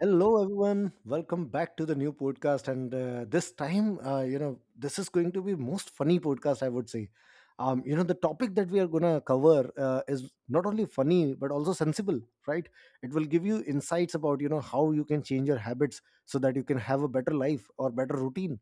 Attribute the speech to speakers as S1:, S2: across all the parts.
S1: Hello, everyone. Welcome back to the new podcast. And this time, this is going to be most funny podcast, I would say. The topic that we are going to cover is not only funny but also sensible, right? It will give you insights about you know how you can change your habits so that you can have a better life or better routine.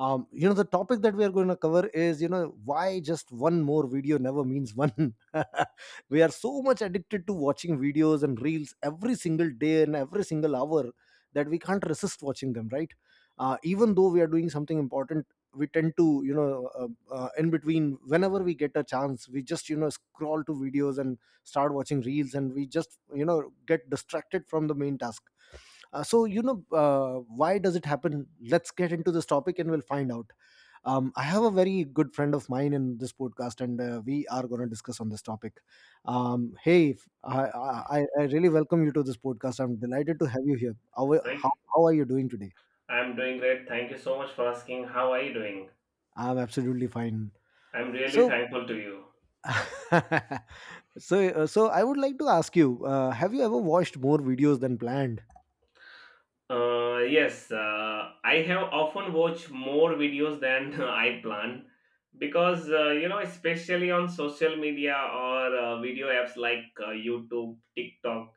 S1: The topic that we are going to cover is you know why just one more video never means one. We are so much addicted to watching videos and reels every single day and every single hour that we can't resist watching them, right? Even though we are doing something important, we tend to you know in between, whenever we get a chance, we just you know scroll to videos and start watching reels, and we just you know get distracted from the main task. uh, so you know uh, why does it happen? Let's get into this topic and we'll find out. I have a very good friend of mine in this podcast, and we are going to discuss on this topic. Hey, I really welcome you to this podcast. I'm delighted to have you here. How,
S2: Right?
S1: how, how are you doing today?
S2: I'm doing great. Thank you so much for asking. How are you doing?
S1: I'm absolutely fine.
S2: I'm really
S1: So,
S2: thankful to you.
S1: so I would like to ask you: Have you ever watched more videos than planned?
S2: Yes, I have often watched more videos than I plan because especially on social media or video apps like YouTube, TikTok,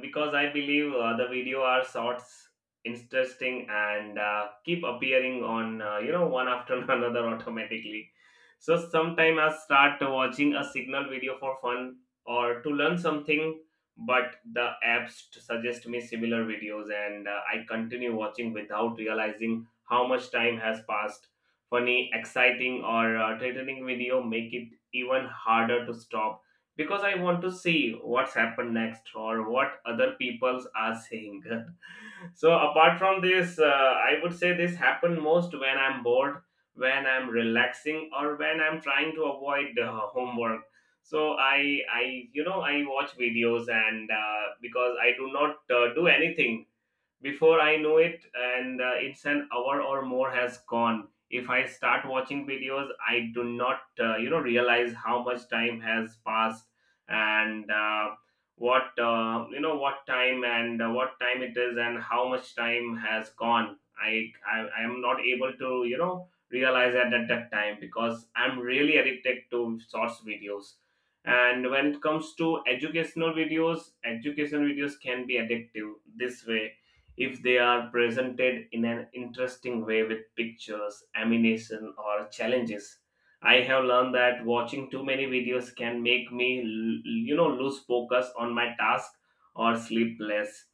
S2: because I believe the video are shorts, interesting, and keep appearing on, one after another automatically. So sometime I start watching a signal video for fun or to learn something, but the apps to suggest me similar videos, and I continue watching without realizing how much time has passed. Funny, exciting, or threatening video make it even harder to stop because I want to see what's happened next or what other peoples are saying. So apart from this, I would say this happen most when I'm bored, when I'm relaxing, or when I'm trying to avoid homework. So I watch videos, and because I do not do anything before I know it, and it's an hour or more has gone. If I start watching videos, I do not, realize how much time has passed, and what, you know, what time and what time it is and how much time has gone. I am not able to, you know, realize that at that time because I'm really addicted to shorts videos. And when it comes to educational videos can be addictive this way if they are presented in an interesting way with pictures, animation, or challenges. I have learned that watching too many videos can make me, lose focus on my task or sleep less.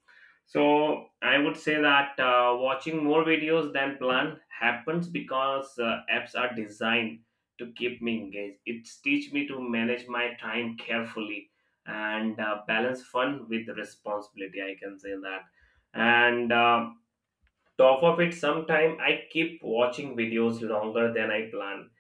S2: So I would say that watching more videos than planned happens because apps are designed to keep me engaged. It teach me to manage my time carefully and balance fun with responsibility. I can say that. And top of it, sometime I keep watching videos longer than I plan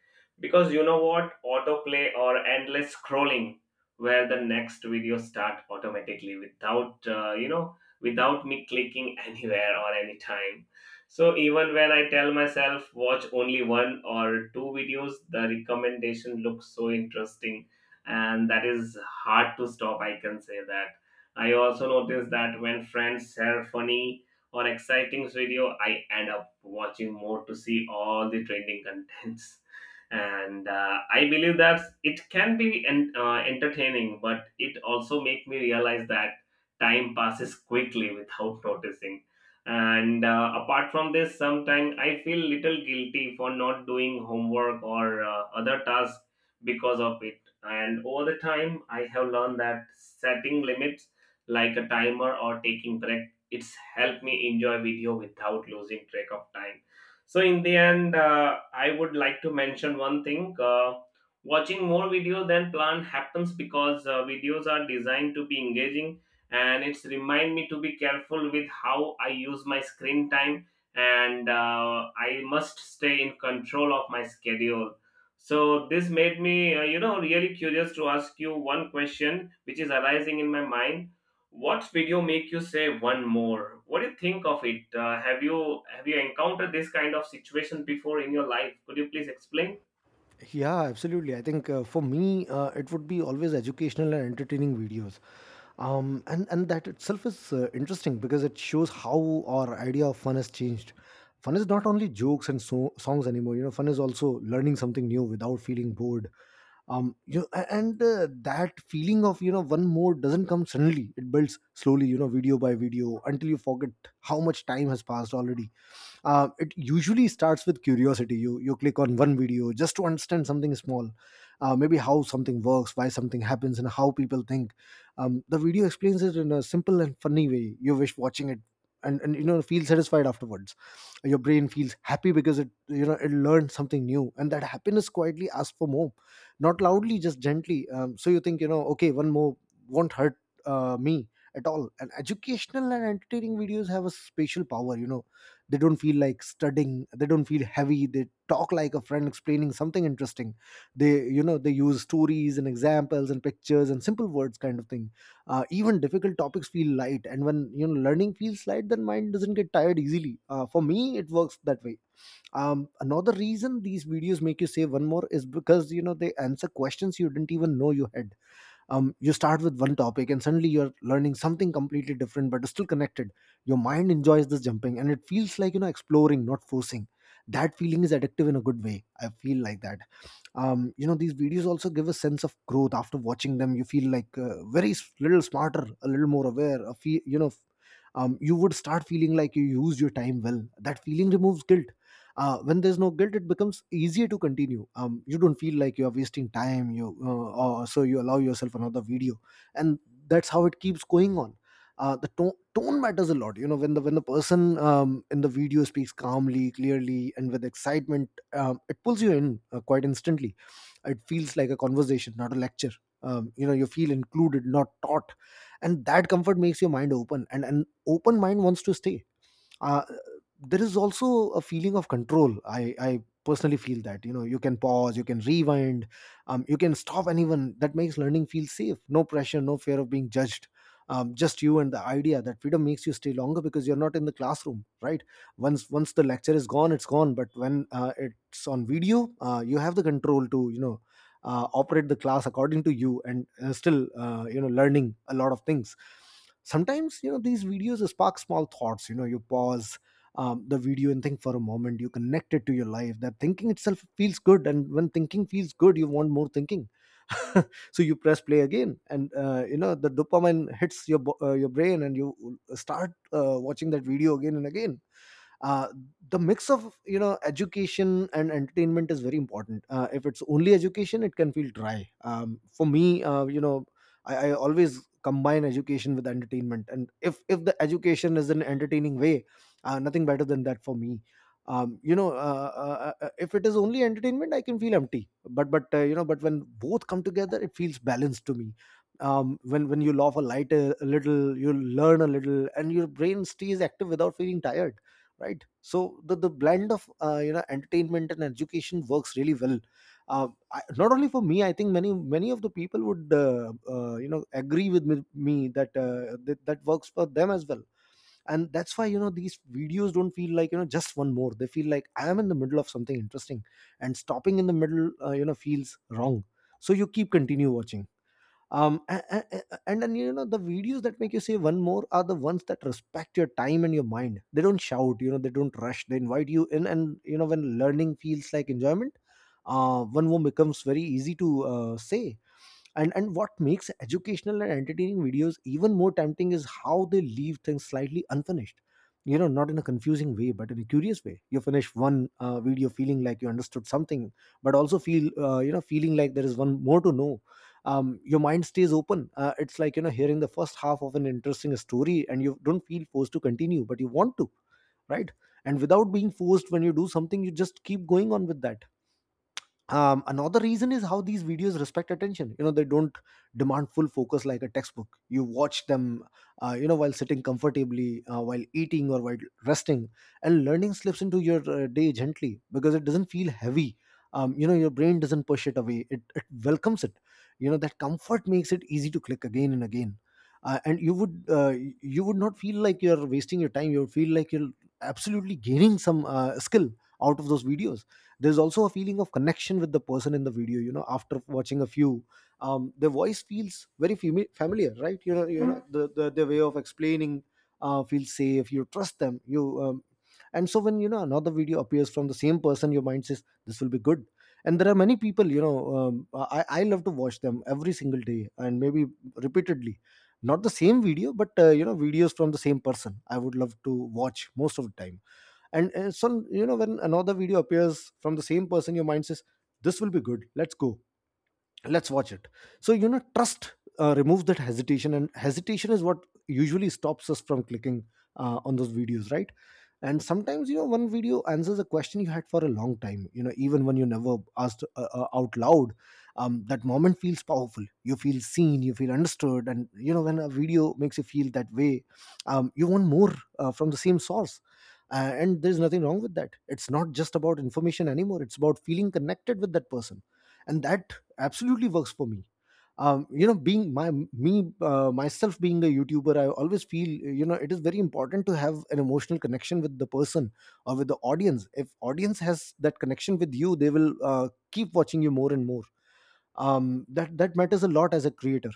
S2: because, you know, what autoplay or endless scrolling, where the next video start automatically without, without me clicking anywhere or anytime. So even when I tell myself watch only one or two videos, the recommendation looks so interesting, and that is hard to stop, I can say that. I also notice that when friends share funny on exciting video, I end up watching more to see all the trending contents. And I believe that it can be entertaining, but it also make me realize that time passes quickly without noticing. And apart from this, sometimes I feel little guilty for not doing homework or other tasks because of it. And over the time I have learned that setting limits like a timer or taking breaks, it's helped me enjoy video without losing track of time. So in the end, I would like to mention one thing, watching more video than planned happens because videos are designed to be engaging, and it's remind me to be careful with how I use my screen time, and I must stay in control of my schedule. So this made me, really curious to ask you one question which is arising in my mind. What video make you say one more? What do you think of it? Have you encountered this kind of situation before in your life? Could you please explain?
S1: Yeah, absolutely. I think for me, it would be always educational and entertaining videos. And that itself is interesting because it shows how our idea of fun has changed. Fun is not only jokes and songs anymore. You know, fun is also learning something new without feeling bored. You know, a- and That feeling of you know one more doesn't come suddenly. It builds slowly, you know, video by video, until you forget how much time has passed already. It usually starts with curiosity. You click on one video just to understand something small, maybe how something works, why something happens, and how people think. The video explains it in a simple and funny way. You wish watching it, and you know feel satisfied afterwards. Your brain feels happy because it you know it learned something new, and that happiness quietly asks for more. Not loudly, just gently. So you think, you know, okay, one more won't hurt me at all. And educational and entertaining videos have a special power, you know. They don't feel like studying. They don't feel heavy. They talk like a friend explaining something interesting. They you know they use stories and examples and pictures and simple words, kind of thing. Even difficult topics feel light, and when you know learning feels light, then mind doesn't get tired easily. For me, it works that way. Another reason these videos make you say one more is because you know they answer questions you didn't even know you had. You start with one topic and suddenly you're learning something completely different but still connected. Your mind enjoys this jumping, and it feels like you know exploring, not forcing. That feeling is addictive in a good way, I feel like that. You know, these videos also give a sense of growth. After watching them, you feel like little smarter, a little more aware, a fe- you know f- you would start feeling like you used your time well. That feeling removes guilt. When there's no guilt, it becomes easier to continue. You don't feel like you're wasting time. You Or so you allow yourself another video, and that's how it keeps going on. The tone matters a lot, you know. When the person in the video speaks calmly, clearly, and with excitement, it pulls you in quite instantly. It feels like a conversation, not a lecture. You know, you feel included, not taught, and that comfort makes your mind open, and an open mind wants to stay. uh, there is also a feeling of control. I personally feel that you know you can pause, you can rewind. You can stop anyone. That makes learning feel safe. No pressure, no fear of being judged. Just you and the idea. That freedom makes you stay longer because you're not in the classroom, right? Once the lecture is gone, it's gone. But when it's on video, you have the control to you know operate the class according to you and still you know learning a lot of things. Sometimes you know these videos spark small thoughts. You know, you pause the video and think for a moment. You connect it to your life. That thinking itself feels good, and when thinking feels good, you want more thinking. So you press play again, and you know the dopamine hits your brain, and you start watching that video again and again. uh, the mix of you know education and entertainment is very important. If it's only education, it can feel dry. For me, I always combine education with entertainment, and if the education is in an entertaining way, nothing better than that for me. If it is only entertainment, I can feel empty, but you know, but when both come together, it feels balanced to me. When you laugh a light a little, you learn a little, and your brain stays active without feeling tired, right? So the blend of you know entertainment and education works really well. uh, Not only for me, I think many of the people would you know agree with me that, that that works for them as well. And that's why you know these videos don't feel like you know just one more. They feel like I am in the middle of something interesting, and stopping in the middle you know feels wrong, so you keep continue watching. And then you know the videos that make you say one more are the ones that respect your time and your mind. They don't shout, you know. They don't rush. They invite you in, and you know when learning feels like enjoyment, one more becomes very easy to say. And what makes educational and entertaining videos even more tempting is how they leave things slightly unfinished. You know, not in a confusing way, but in a curious way. You finish one video feeling like you understood something but also feel you know feeling like there is one more to know. Your mind stays open. It's like you know hearing the first half of an interesting story, and you don't feel forced to continue, but you want to, right? And without being forced, when you do something, you just keep going on with that. Another reason is how these videos respect attention. You know, they don't demand full focus like a textbook. You watch them you know while sitting comfortably, while eating or while resting, and learning slips into your day gently because it doesn't feel heavy. You know, your brain doesn't push it away. It welcomes it. You know, that comfort makes it easy to click again and again. And you would You would not feel like you're wasting your time. You would feel like you're absolutely gaining some skill out of those videos. There's also a feeling of connection with the person in the video. You know, after watching a few, their voice feels very familiar, right? You know, you know the their way of explaining feels safe. You trust them. You And so when you know another video appears from the same person, your mind says this will be good. And there are many people, you know. I love to watch them every single day, and maybe repeatedly. Not the same video, but you know videos from the same person I would love to watch most of the time. And so you know when another video appears from the same person, your mind says this will be good, let's go, let's watch it. So you know trust removes that hesitation, and hesitation is what usually stops us from clicking on those videos, right? And sometimes you know one video answers a question you had for a long time, you know, even when you never asked out loud. That moment feels powerful. You feel seen You feel understood. And you know, when a video makes you feel that way, you want more from the same source. And there's nothing wrong with that. It's not just about information anymore, it's about feeling connected with that person. And that absolutely works for me. Um, you know being my me uh, myself being a youtuber, I always feel, it is very important to have an emotional connection with the person or with the audience. If audience has that connection with you, they will keep watching you more and more. That matters a lot as a creator.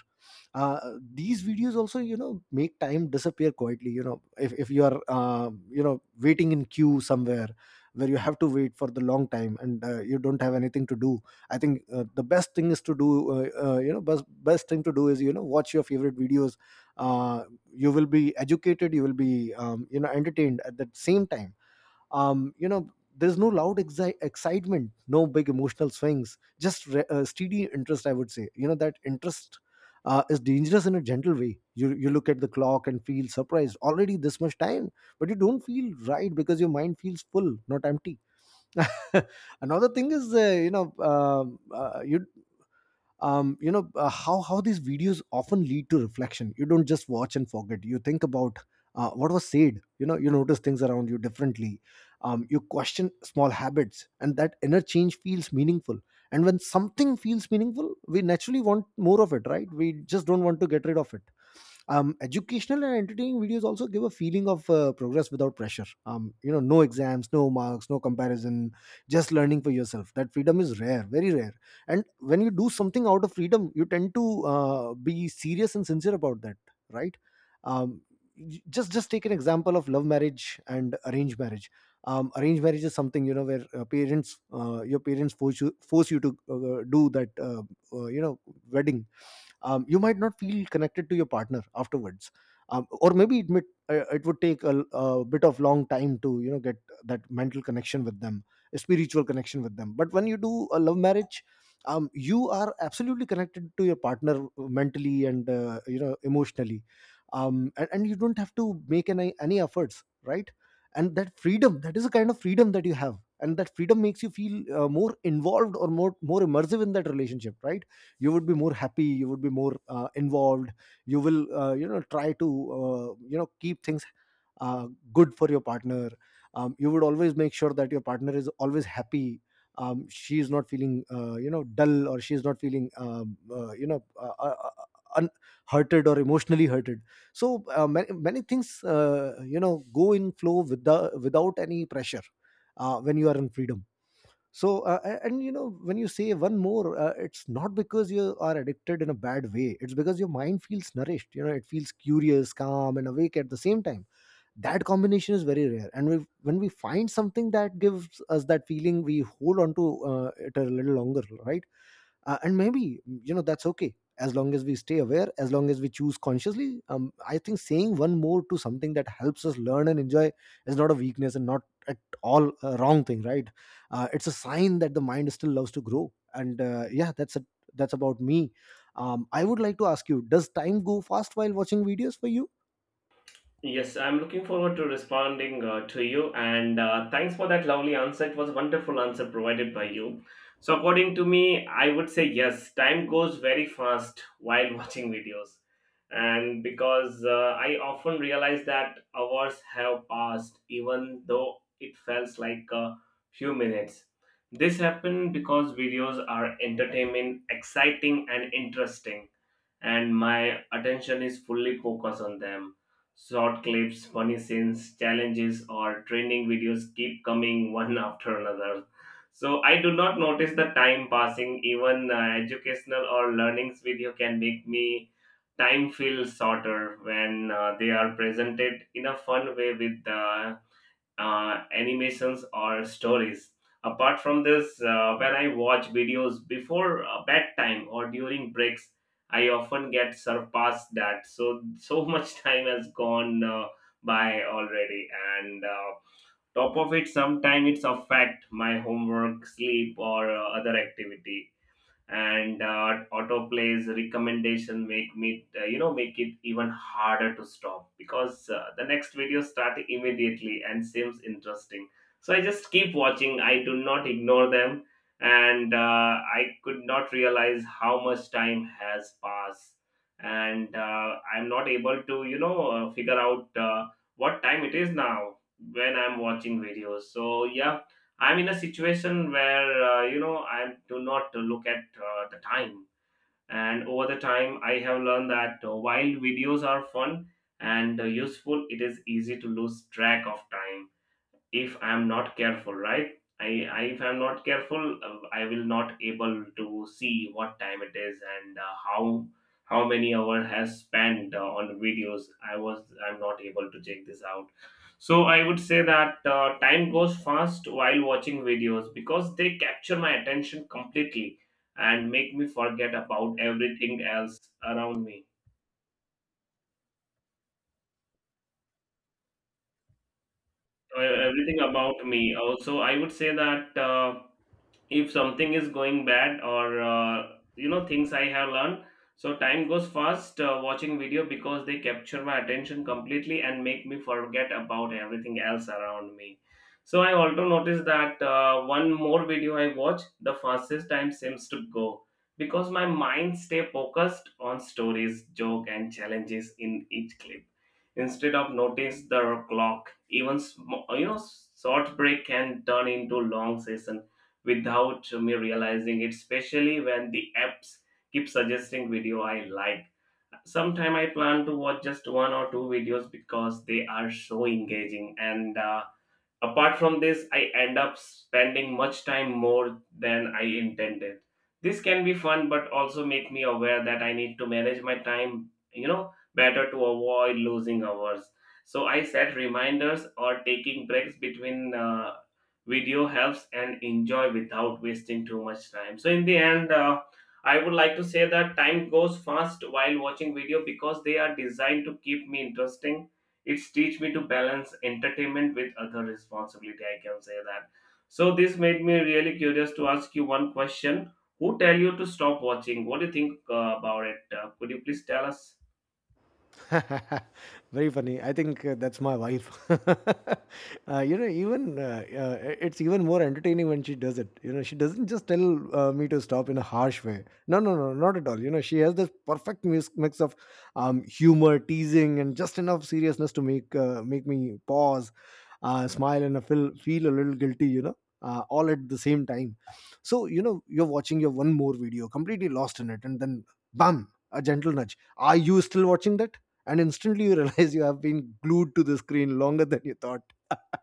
S1: uh, these videos also, you know, make time disappear quietly. You know, if you are waiting in queue somewhere, where you have to wait for the long time, and you don't have anything to do. I think, the best thing is to do, best thing to do is, watch your favorite videos. uh, you will be educated, you will be entertained at the same time. Um, you know there's no loud excitement, no big emotional swings, just steady interest, I would say. You know, that interest is dangerous in a gentle way. You look at the clock and feel surprised, already this much time. But you don't feel right because your mind feels full, not empty. Another thing is, you know um uh, you how these videos often lead to reflection. You don't just watch and forget, you think about what was said. You know, you notice things around you differently. You question small habits, and that inner change feels meaningful. And when something feels meaningful, we naturally want more of it, right? We just don't want to get rid of it. Educational and entertaining videos also give a feeling of progress without pressure. No exams, no marks, no comparison. Just learning for yourself. That freedom is rare, very rare. And when you do something out of freedom, you tend to be serious and sincere about that, right? Um, j- just just take an example of love marriage and arranged marriage. Arranged marriage is something, you know, where parents your parents force you to do that, uh, you know wedding. You might not feel connected to your partner afterwards. Or maybe it would take a bit of long time to get that mental connection with them, a spiritual connection with them. But when you do a love marriage, you are absolutely connected to your partner, mentally and emotionally. And you don't have to make any efforts, right? And that freedom, that is a kind of freedom that you have, and that freedom makes you feel more involved, or more immersive in that relationship, right? You would be more happy, you would be more involved. You will try to keep things uh, good for your partner. You would always make sure that your partner is always happy. She is not feeling dull, or she is not feeling un- hurted or emotionally hurted. So many things, go in flow without any pressure when you are in freedom. So and, you know, when you say one more, it's not because you are addicted in a bad way, it's because your mind feels nourished. You know, it feels curious, calm, and awake at the same time. That combination is very rare. And we when we find something that gives us that feeling, we hold on to it a little longer, right? And maybe, you know, that's okay, as long as we stay aware, as long as we choose consciously. I think saying one more to something that helps us learn and enjoy is not a weakness, and not at all a wrong thing, right? It's a sign that the mind still loves to grow, and yeah, that's it. That's about me. I would like to ask you, does time go fast while watching videos for you?
S2: Yes, I'm looking forward to responding to you, and thanks for that lovely answer. It was a wonderful answer provided by you. So, according to me, I would say yes, time goes very fast while watching videos, and because I often realize that hours have passed, even though it feels like a few minutes. This happened because videos are entertaining, exciting, and interesting, and my attention is fully focused on them. Short clips, funny scenes, challenges, or training videos keep coming one after another. So I do not notice the time passing. Even educational or learnings video can make me time feel shorter when they are presented in a fun way with the animations or stories. Apart from this, when I watch videos before bedtime or during breaks, I often get surpassed that. So so much time has gone by already, and top of it, sometimes it's affect my homework, sleep, or other activity, and autoplay's recommendation make me, make it even harder to stop because the next video start immediately and seems interesting. So I just keep watching, I do not ignore them, and I could not realize how much time has passed, and I'm not able to, you know, figure out what time it is now when I'm watching videos. So yeah, I'm in a situation where, I do not look at the time, and over the time I have learned that while videos are fun and useful, it is easy to lose track of time if I'm not careful, right? I, if I'm not careful, I will not able to see what time it is and how many hour has spent on videos. I'm not able to check this out. So I would say that time goes fast while watching videos because they capture my attention completely and make me forget about everything else around me. Everything about me, also I would say that if something is going bad or, things I have learned. So time goes fast watching video because they capture my attention completely and make me forget about everything else around me. So I also noticed that one more video I watch, the fastest time seems to go, because my mind stay focused on stories, joke and challenges in each clip instead of notice the clock. Even short break can turn into long session without me realizing it, especially when the apps keep suggesting video I like. Sometime I plan to watch just one or two videos because they are so engaging, and apart from this, I end up spending much time more than I intended. This can be fun, but also make me aware that I need to manage my time, you know, better to avoid losing hours. So I set reminders or taking breaks between video helps and enjoy without wasting too much time. So in the end, I would like to say that time goes fast while watching video because they are designed to keep me interesting. It's teach me to balance entertainment with other responsibility, I can say that. So this made me really curious to ask you one question. Who tell you to stop watching? What do you think about it? Could you please tell us?
S1: Very funny. I think that's my wife. You know, even it's even more entertaining when she does it. You know, she doesn't just tell me to stop in a harsh way. No, no, no, not at all. You know, she has this perfect mix of humor, teasing, and just enough seriousness to make me pause, smile, and feel a little guilty. You know, all at the same time. So, you know, you're watching your one more video, completely lost in it, and then bam, a gentle nudge. Are you still watching that? And instantly you realize you have been glued to the screen longer than you thought.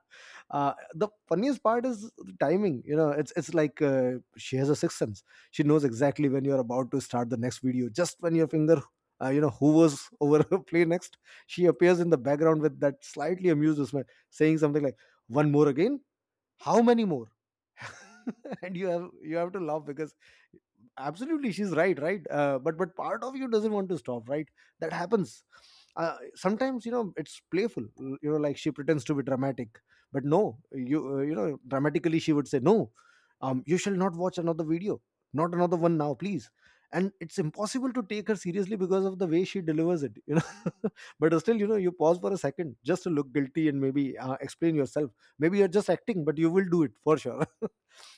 S1: The funniest part is the timing, you know, it's like, she has a sixth sense. She knows exactly when you're about to start the next video, just when your finger hovers over play next. She appears in the background with that slightly amused smile, saying something like, one more again, how many more. And you have to laugh because absolutely she's right, right? But part of you doesn't want to stop, right? That happens. Sometimes, you know, it's playful. You know, like she pretends to be dramatic. But no, you, you know dramatically she would say, no. You shall not watch another video, not another one now, please. And it's impossible to take her seriously because of the way she delivers it, you know. But still, you know, you pause for a second just to look guilty and maybe explain yourself. Maybe you're just acting, but you will do it for sure.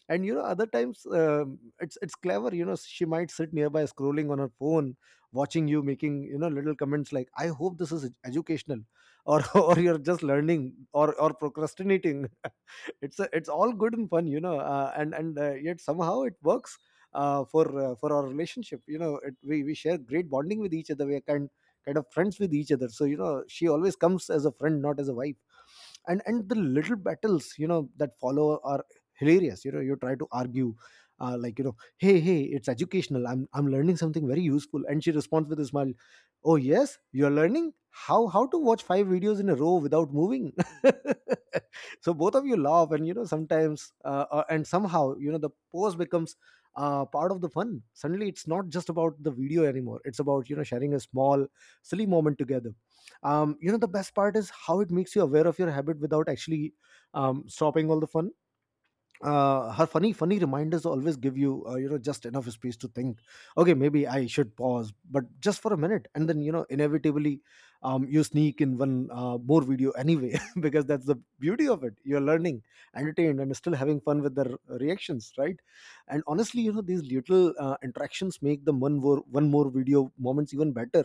S1: And, you know, other times, it's clever, you know. She might sit nearby scrolling on her phone, watching you, making, you know, little comments like, I hope this is educational, or or you're just learning, or procrastinating. It's all good and fun, you know, and yet somehow it works for our relationship. You know, it, we share great bonding with each other. We are kind of friends with each other, so you know, she always comes as a friend, not as a wife. And the little battles, you know, that follow are hilarious. You know, you try to argue, like, you know, hey, it's educational, I'm learning something very useful. And she responds with a smile, oh yes, you're learning how to watch five videos in a row without moving. So both of you laugh, and, you know, sometimes and somehow, you know, the pose becomes part of the fun. Suddenly it's not just about the video anymore, it's about, you know, sharing a small silly moment together. You know, the best part is how it makes you aware of your habit without actually stopping all the fun. Her funny reminders always give you you know just enough space to think, okay, maybe I should pause, but just for a minute. And then, you know, inevitably you sneak in one more video anyway. Because that's the beauty of it, you're learning, entertained, and still having fun with their reactions, right? And honestly, you know, these little interactions make the one more, one more video moments even better.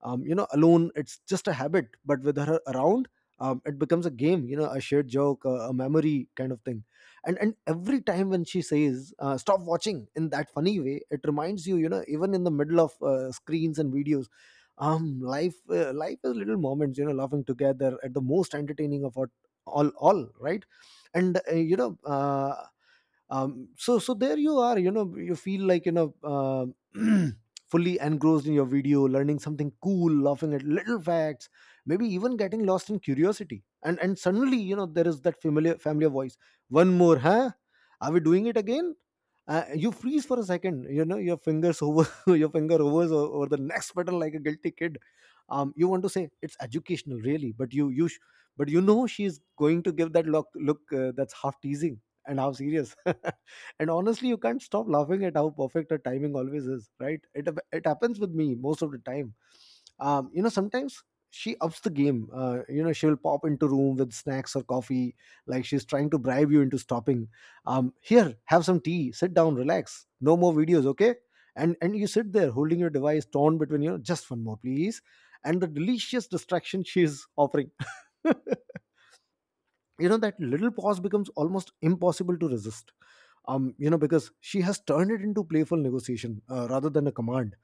S1: You know, alone it's just a habit, but with her around, it becomes a game. You know, a shared joke, a memory kind of thing. And every time when she says, stop watching in that funny way, it reminds you, you know, even in the middle of screens and videos, life is little moments, you know, laughing together at the most entertaining of what. All right. And so there you are. You know, you feel like, fully engrossed in your video, learning something cool, laughing at little facts, maybe even getting lost in curiosity. And suddenly, you know, there is that familiar voice. One more, huh? Are we doing it again? You freeze for a second, you know, your fingers over your finger hovers over the next pedal like a guilty kid. You want to say, it's educational, really, but you know She's going to give that look that's half teasing and how serious. And honestly, you can't stop laughing at how perfect her timing always is, right? It happens with me most of the time. Sometimes she ups the game, you know, she will pop into room with snacks or coffee, like she's trying to bribe you into stopping. Here, have some tea, sit down, relax, no more videos, okay? And you sit there holding your device, torn between, you know, just one more, please, and the delicious distraction she's offering. You know, that little pause becomes almost impossible to resist, you know, because she has turned it into playful negotiation rather than a command.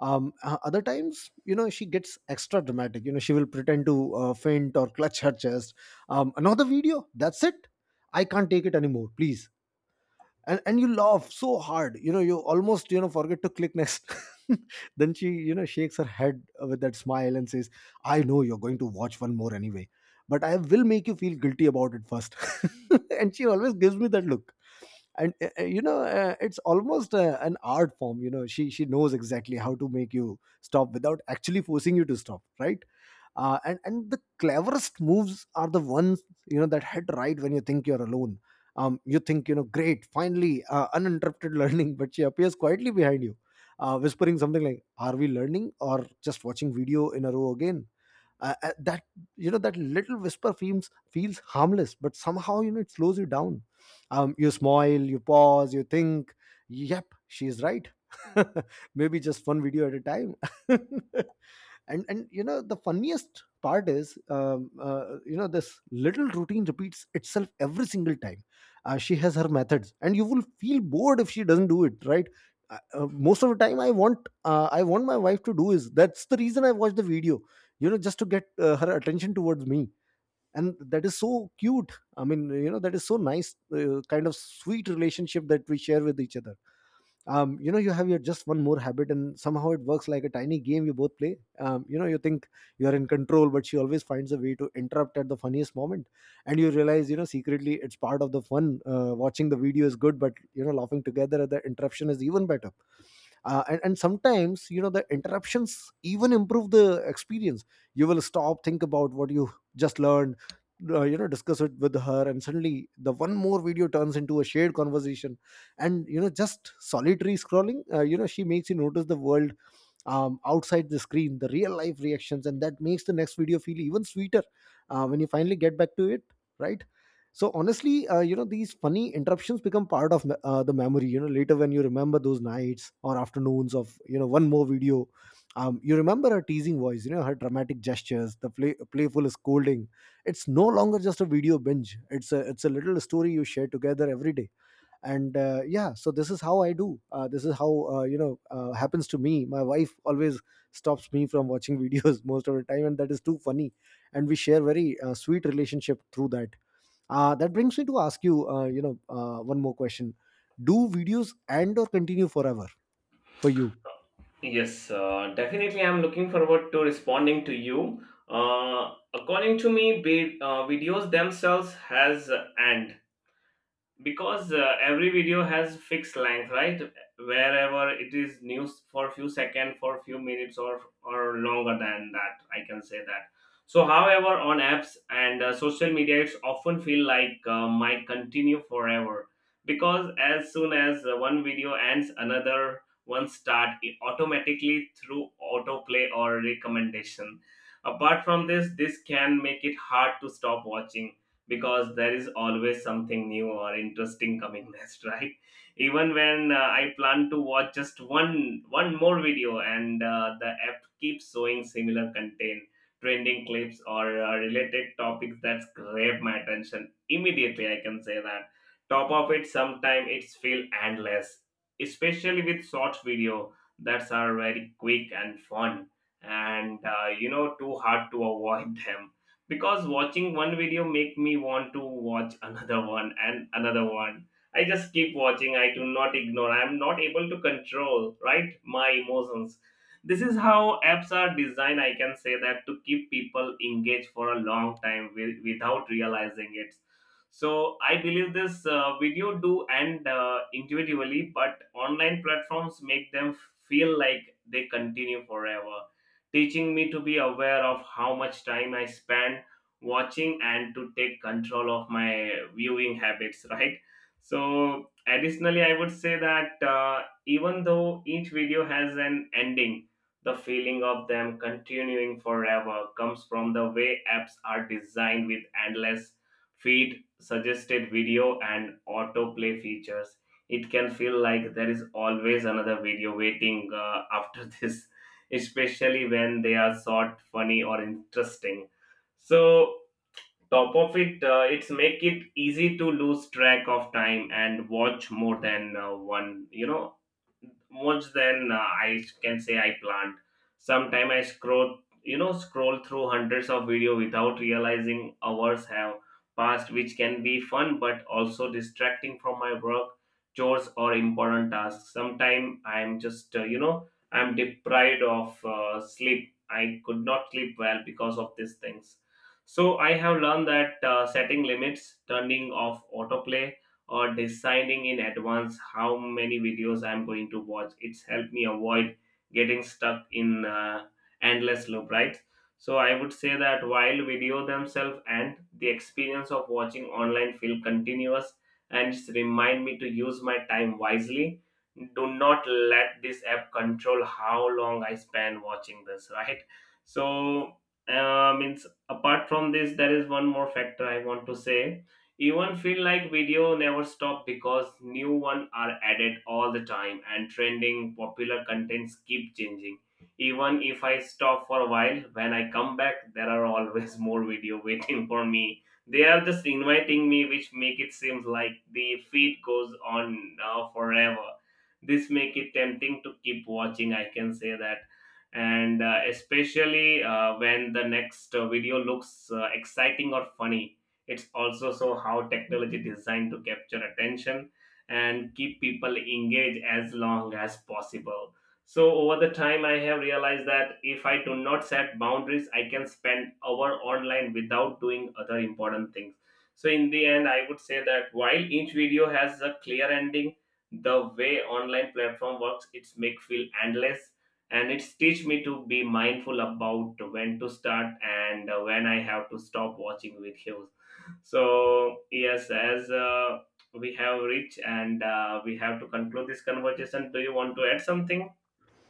S1: Other times, you know, she gets extra dramatic. You know, she will pretend to faint or clutch her chest. Another video. That's it. I can't take it anymore. Please. And you laugh so hard. You know, you almost, forget to click next. Then she, you know, shakes her head with that smile and says, "I know you're going to watch one more anyway. But I will make you feel guilty about it first." And she always gives me that look. And you know, it's almost an art form. You know, she knows exactly how to make you stop without actually forcing you to stop, right? And the cleverest moves are the ones, you know, that hit right when you think you're alone. You think, you know, great, finally uninterrupted learning, but she appears quietly behind you, whispering something like, are we learning or just watching video in a row again? That You know, that little whisper feels harmless, but somehow, you know, it slows you down. You smile, you pause, you think, yep, she's right. Maybe just one video at a time. And you know, the funniest part is, you know, this little routine repeats itself every single time. She has her methods and you will feel bored if she doesn't do it right. Most of the time, I want my wife to do is, that's the reason I watch the video, you know, just to get her attention towards me. And that is so cute. I mean, you know, that is so nice, kind of sweet relationship that we share with each other. You know, you have your just one more habit and somehow it works like a tiny game you both play. You know, you think you're in control, but she always finds a way to interrupt at the funniest moment. And you realize, you know, secretly it's part of the fun. Watching the video is good, but, you know, laughing together at the interruption is even better. And sometimes, you know, the interruptions even improve the experience. You will stop, think about what you just learned, you know, discuss it with her, and suddenly the one more video turns into a shared conversation. And, you know, just solitary scrolling, you know, she makes you notice the world outside the screen, the real life reactions, and that makes the next video feel even sweeter when you finally get back to it, right? So honestly, you know, these funny interruptions become part of the memory, you know, later, when you remember those nights or afternoons of, you know, one more video. You remember her teasing voice, you know, her dramatic gestures, the playful scolding. It's no longer just a video binge. It's a little story you share together every day. And yeah, so this is how I do. This is how, happens to me. My wife always stops me from watching videos most of the time, and that is too funny. And we share very sweet relationship through that. That brings me to ask you, you know one more question. Do videos end or continue forever for you?
S2: Yes, definitely. I'm looking forward to responding to you. According to me, videos themselves has an end because every video has fixed length, right? Wherever it is news for few seconds, for few minutes, or longer than that, I can say that. So however, on apps and social media, it's often feel like might continue forever, because as soon as one video ends, another one start it automatically through autoplay or recommendation. Apart from this, this can make it hard to stop watching because there is always something new or interesting coming next, right? Even when I plan to watch just one more video and the app keeps showing similar content, trending clips or related topics that grab my attention immediately, I can say that. Top of it, sometimes it's feel endless, especially with short video that are very quick and fun, and, too hard to avoid them, because watching one video make me want to watch another one and another one. I just keep watching, I do not ignore, I am not able to control, right, my emotions. This is how apps are designed, I can say that, to keep people engaged for a long time without realizing it. So I believe this video do end intuitively, but online platforms make them feel like they continue forever, teaching me to be aware of how much time I spend watching and to take control of my viewing habits. Right? So additionally, I would say that even though each video has an ending, the feeling of them continuing forever comes from the way apps are designed with endless feed, suggested video and autoplay features. It can feel like there is always another video waiting after this, especially when they are short, funny or interesting. So top of it, it's make it easy to lose track of time and watch more than one, you know, much than I can say I planned. Sometime I scroll, you know, scroll through hundreds of video without realizing hours have passed, which can be fun but also distracting from my work, chores, or important tasks. Sometime I'm just, I'm deprived of sleep. I could not sleep well because of these things. So I have learned that setting limits, turning off autoplay, or deciding in advance how many videos I'm going to watch, it's helped me avoid getting stuck in endless loop, right? So I would say that while video themselves and the experience of watching online feel continuous, and it's remind me to use my time wisely, do not let this app control how long I spend watching this, right? So means apart from this, there is one more factor I want to say. Even feel like video never stop because new one are added all the time, and trending popular contents keep changing. Even if I stop for a while, when I come back, there are always more video waiting for me. They are just inviting me, which make it seems like the feed goes on now forever. This make it tempting to keep watching, I can say that. And especially when the next video looks exciting or funny, it's also so how technology designed to capture attention and keep people engaged as long as possible. So over the time I have realized that if I do not set boundaries, I can spend hour online without doing other important things. So in the end, I would say that while each video has a clear ending, the way online platform works, it's make feel endless, and it's teach me to be mindful about when to start and when I have to stop watching videos. So yes, as we have reached and we have to conclude this conversation, do you want to add something,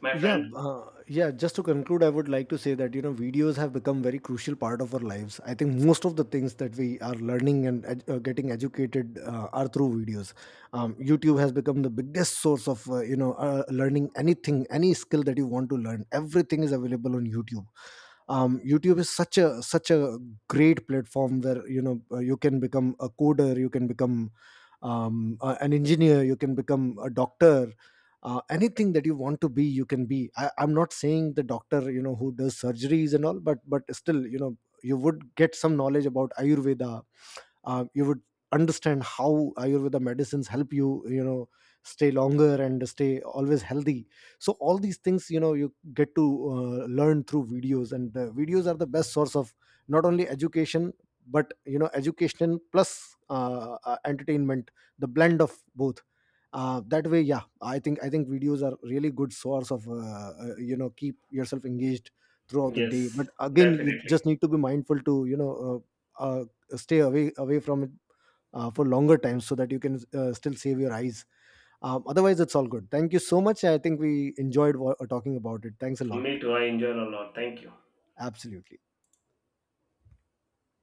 S2: my
S1: Yeah,
S2: friend?
S1: yeah, just to conclude, I would like to say that, you know, videos have become very crucial part of our lives. I think most of the things that we are learning and getting educated are through videos. YouTube has become the biggest source of, learning anything, any skill that you want to learn, everything is available on YouTube. YouTube is such a great platform where, you know, you can become a coder, you can become an engineer, you can become a doctor, anything that you want to be, you can be. I'm not saying the doctor, you know, who does surgeries and all, but still, you know, you would get some knowledge about ayurveda. You would understand how ayurveda medicines help you, you know, stay longer and stay always healthy. So all these things, you know, you get to learn through videos. And videos are the best source of not only education, but, you know, education plus entertainment, the blend of both. That way, yeah, I think videos are really good source of you know, keep yourself engaged throughout the day. But
S2: Yes,
S1: again, you
S2: definitely.
S1: just need to be mindful to, you know, uh, stay away from it for longer time, so that you can still save your eyes. Otherwise, it's all good. Thank you so much. I think we enjoyed talking about it. Thanks a lot.
S2: Me too, I enjoy a lot. Thank you.
S1: Absolutely.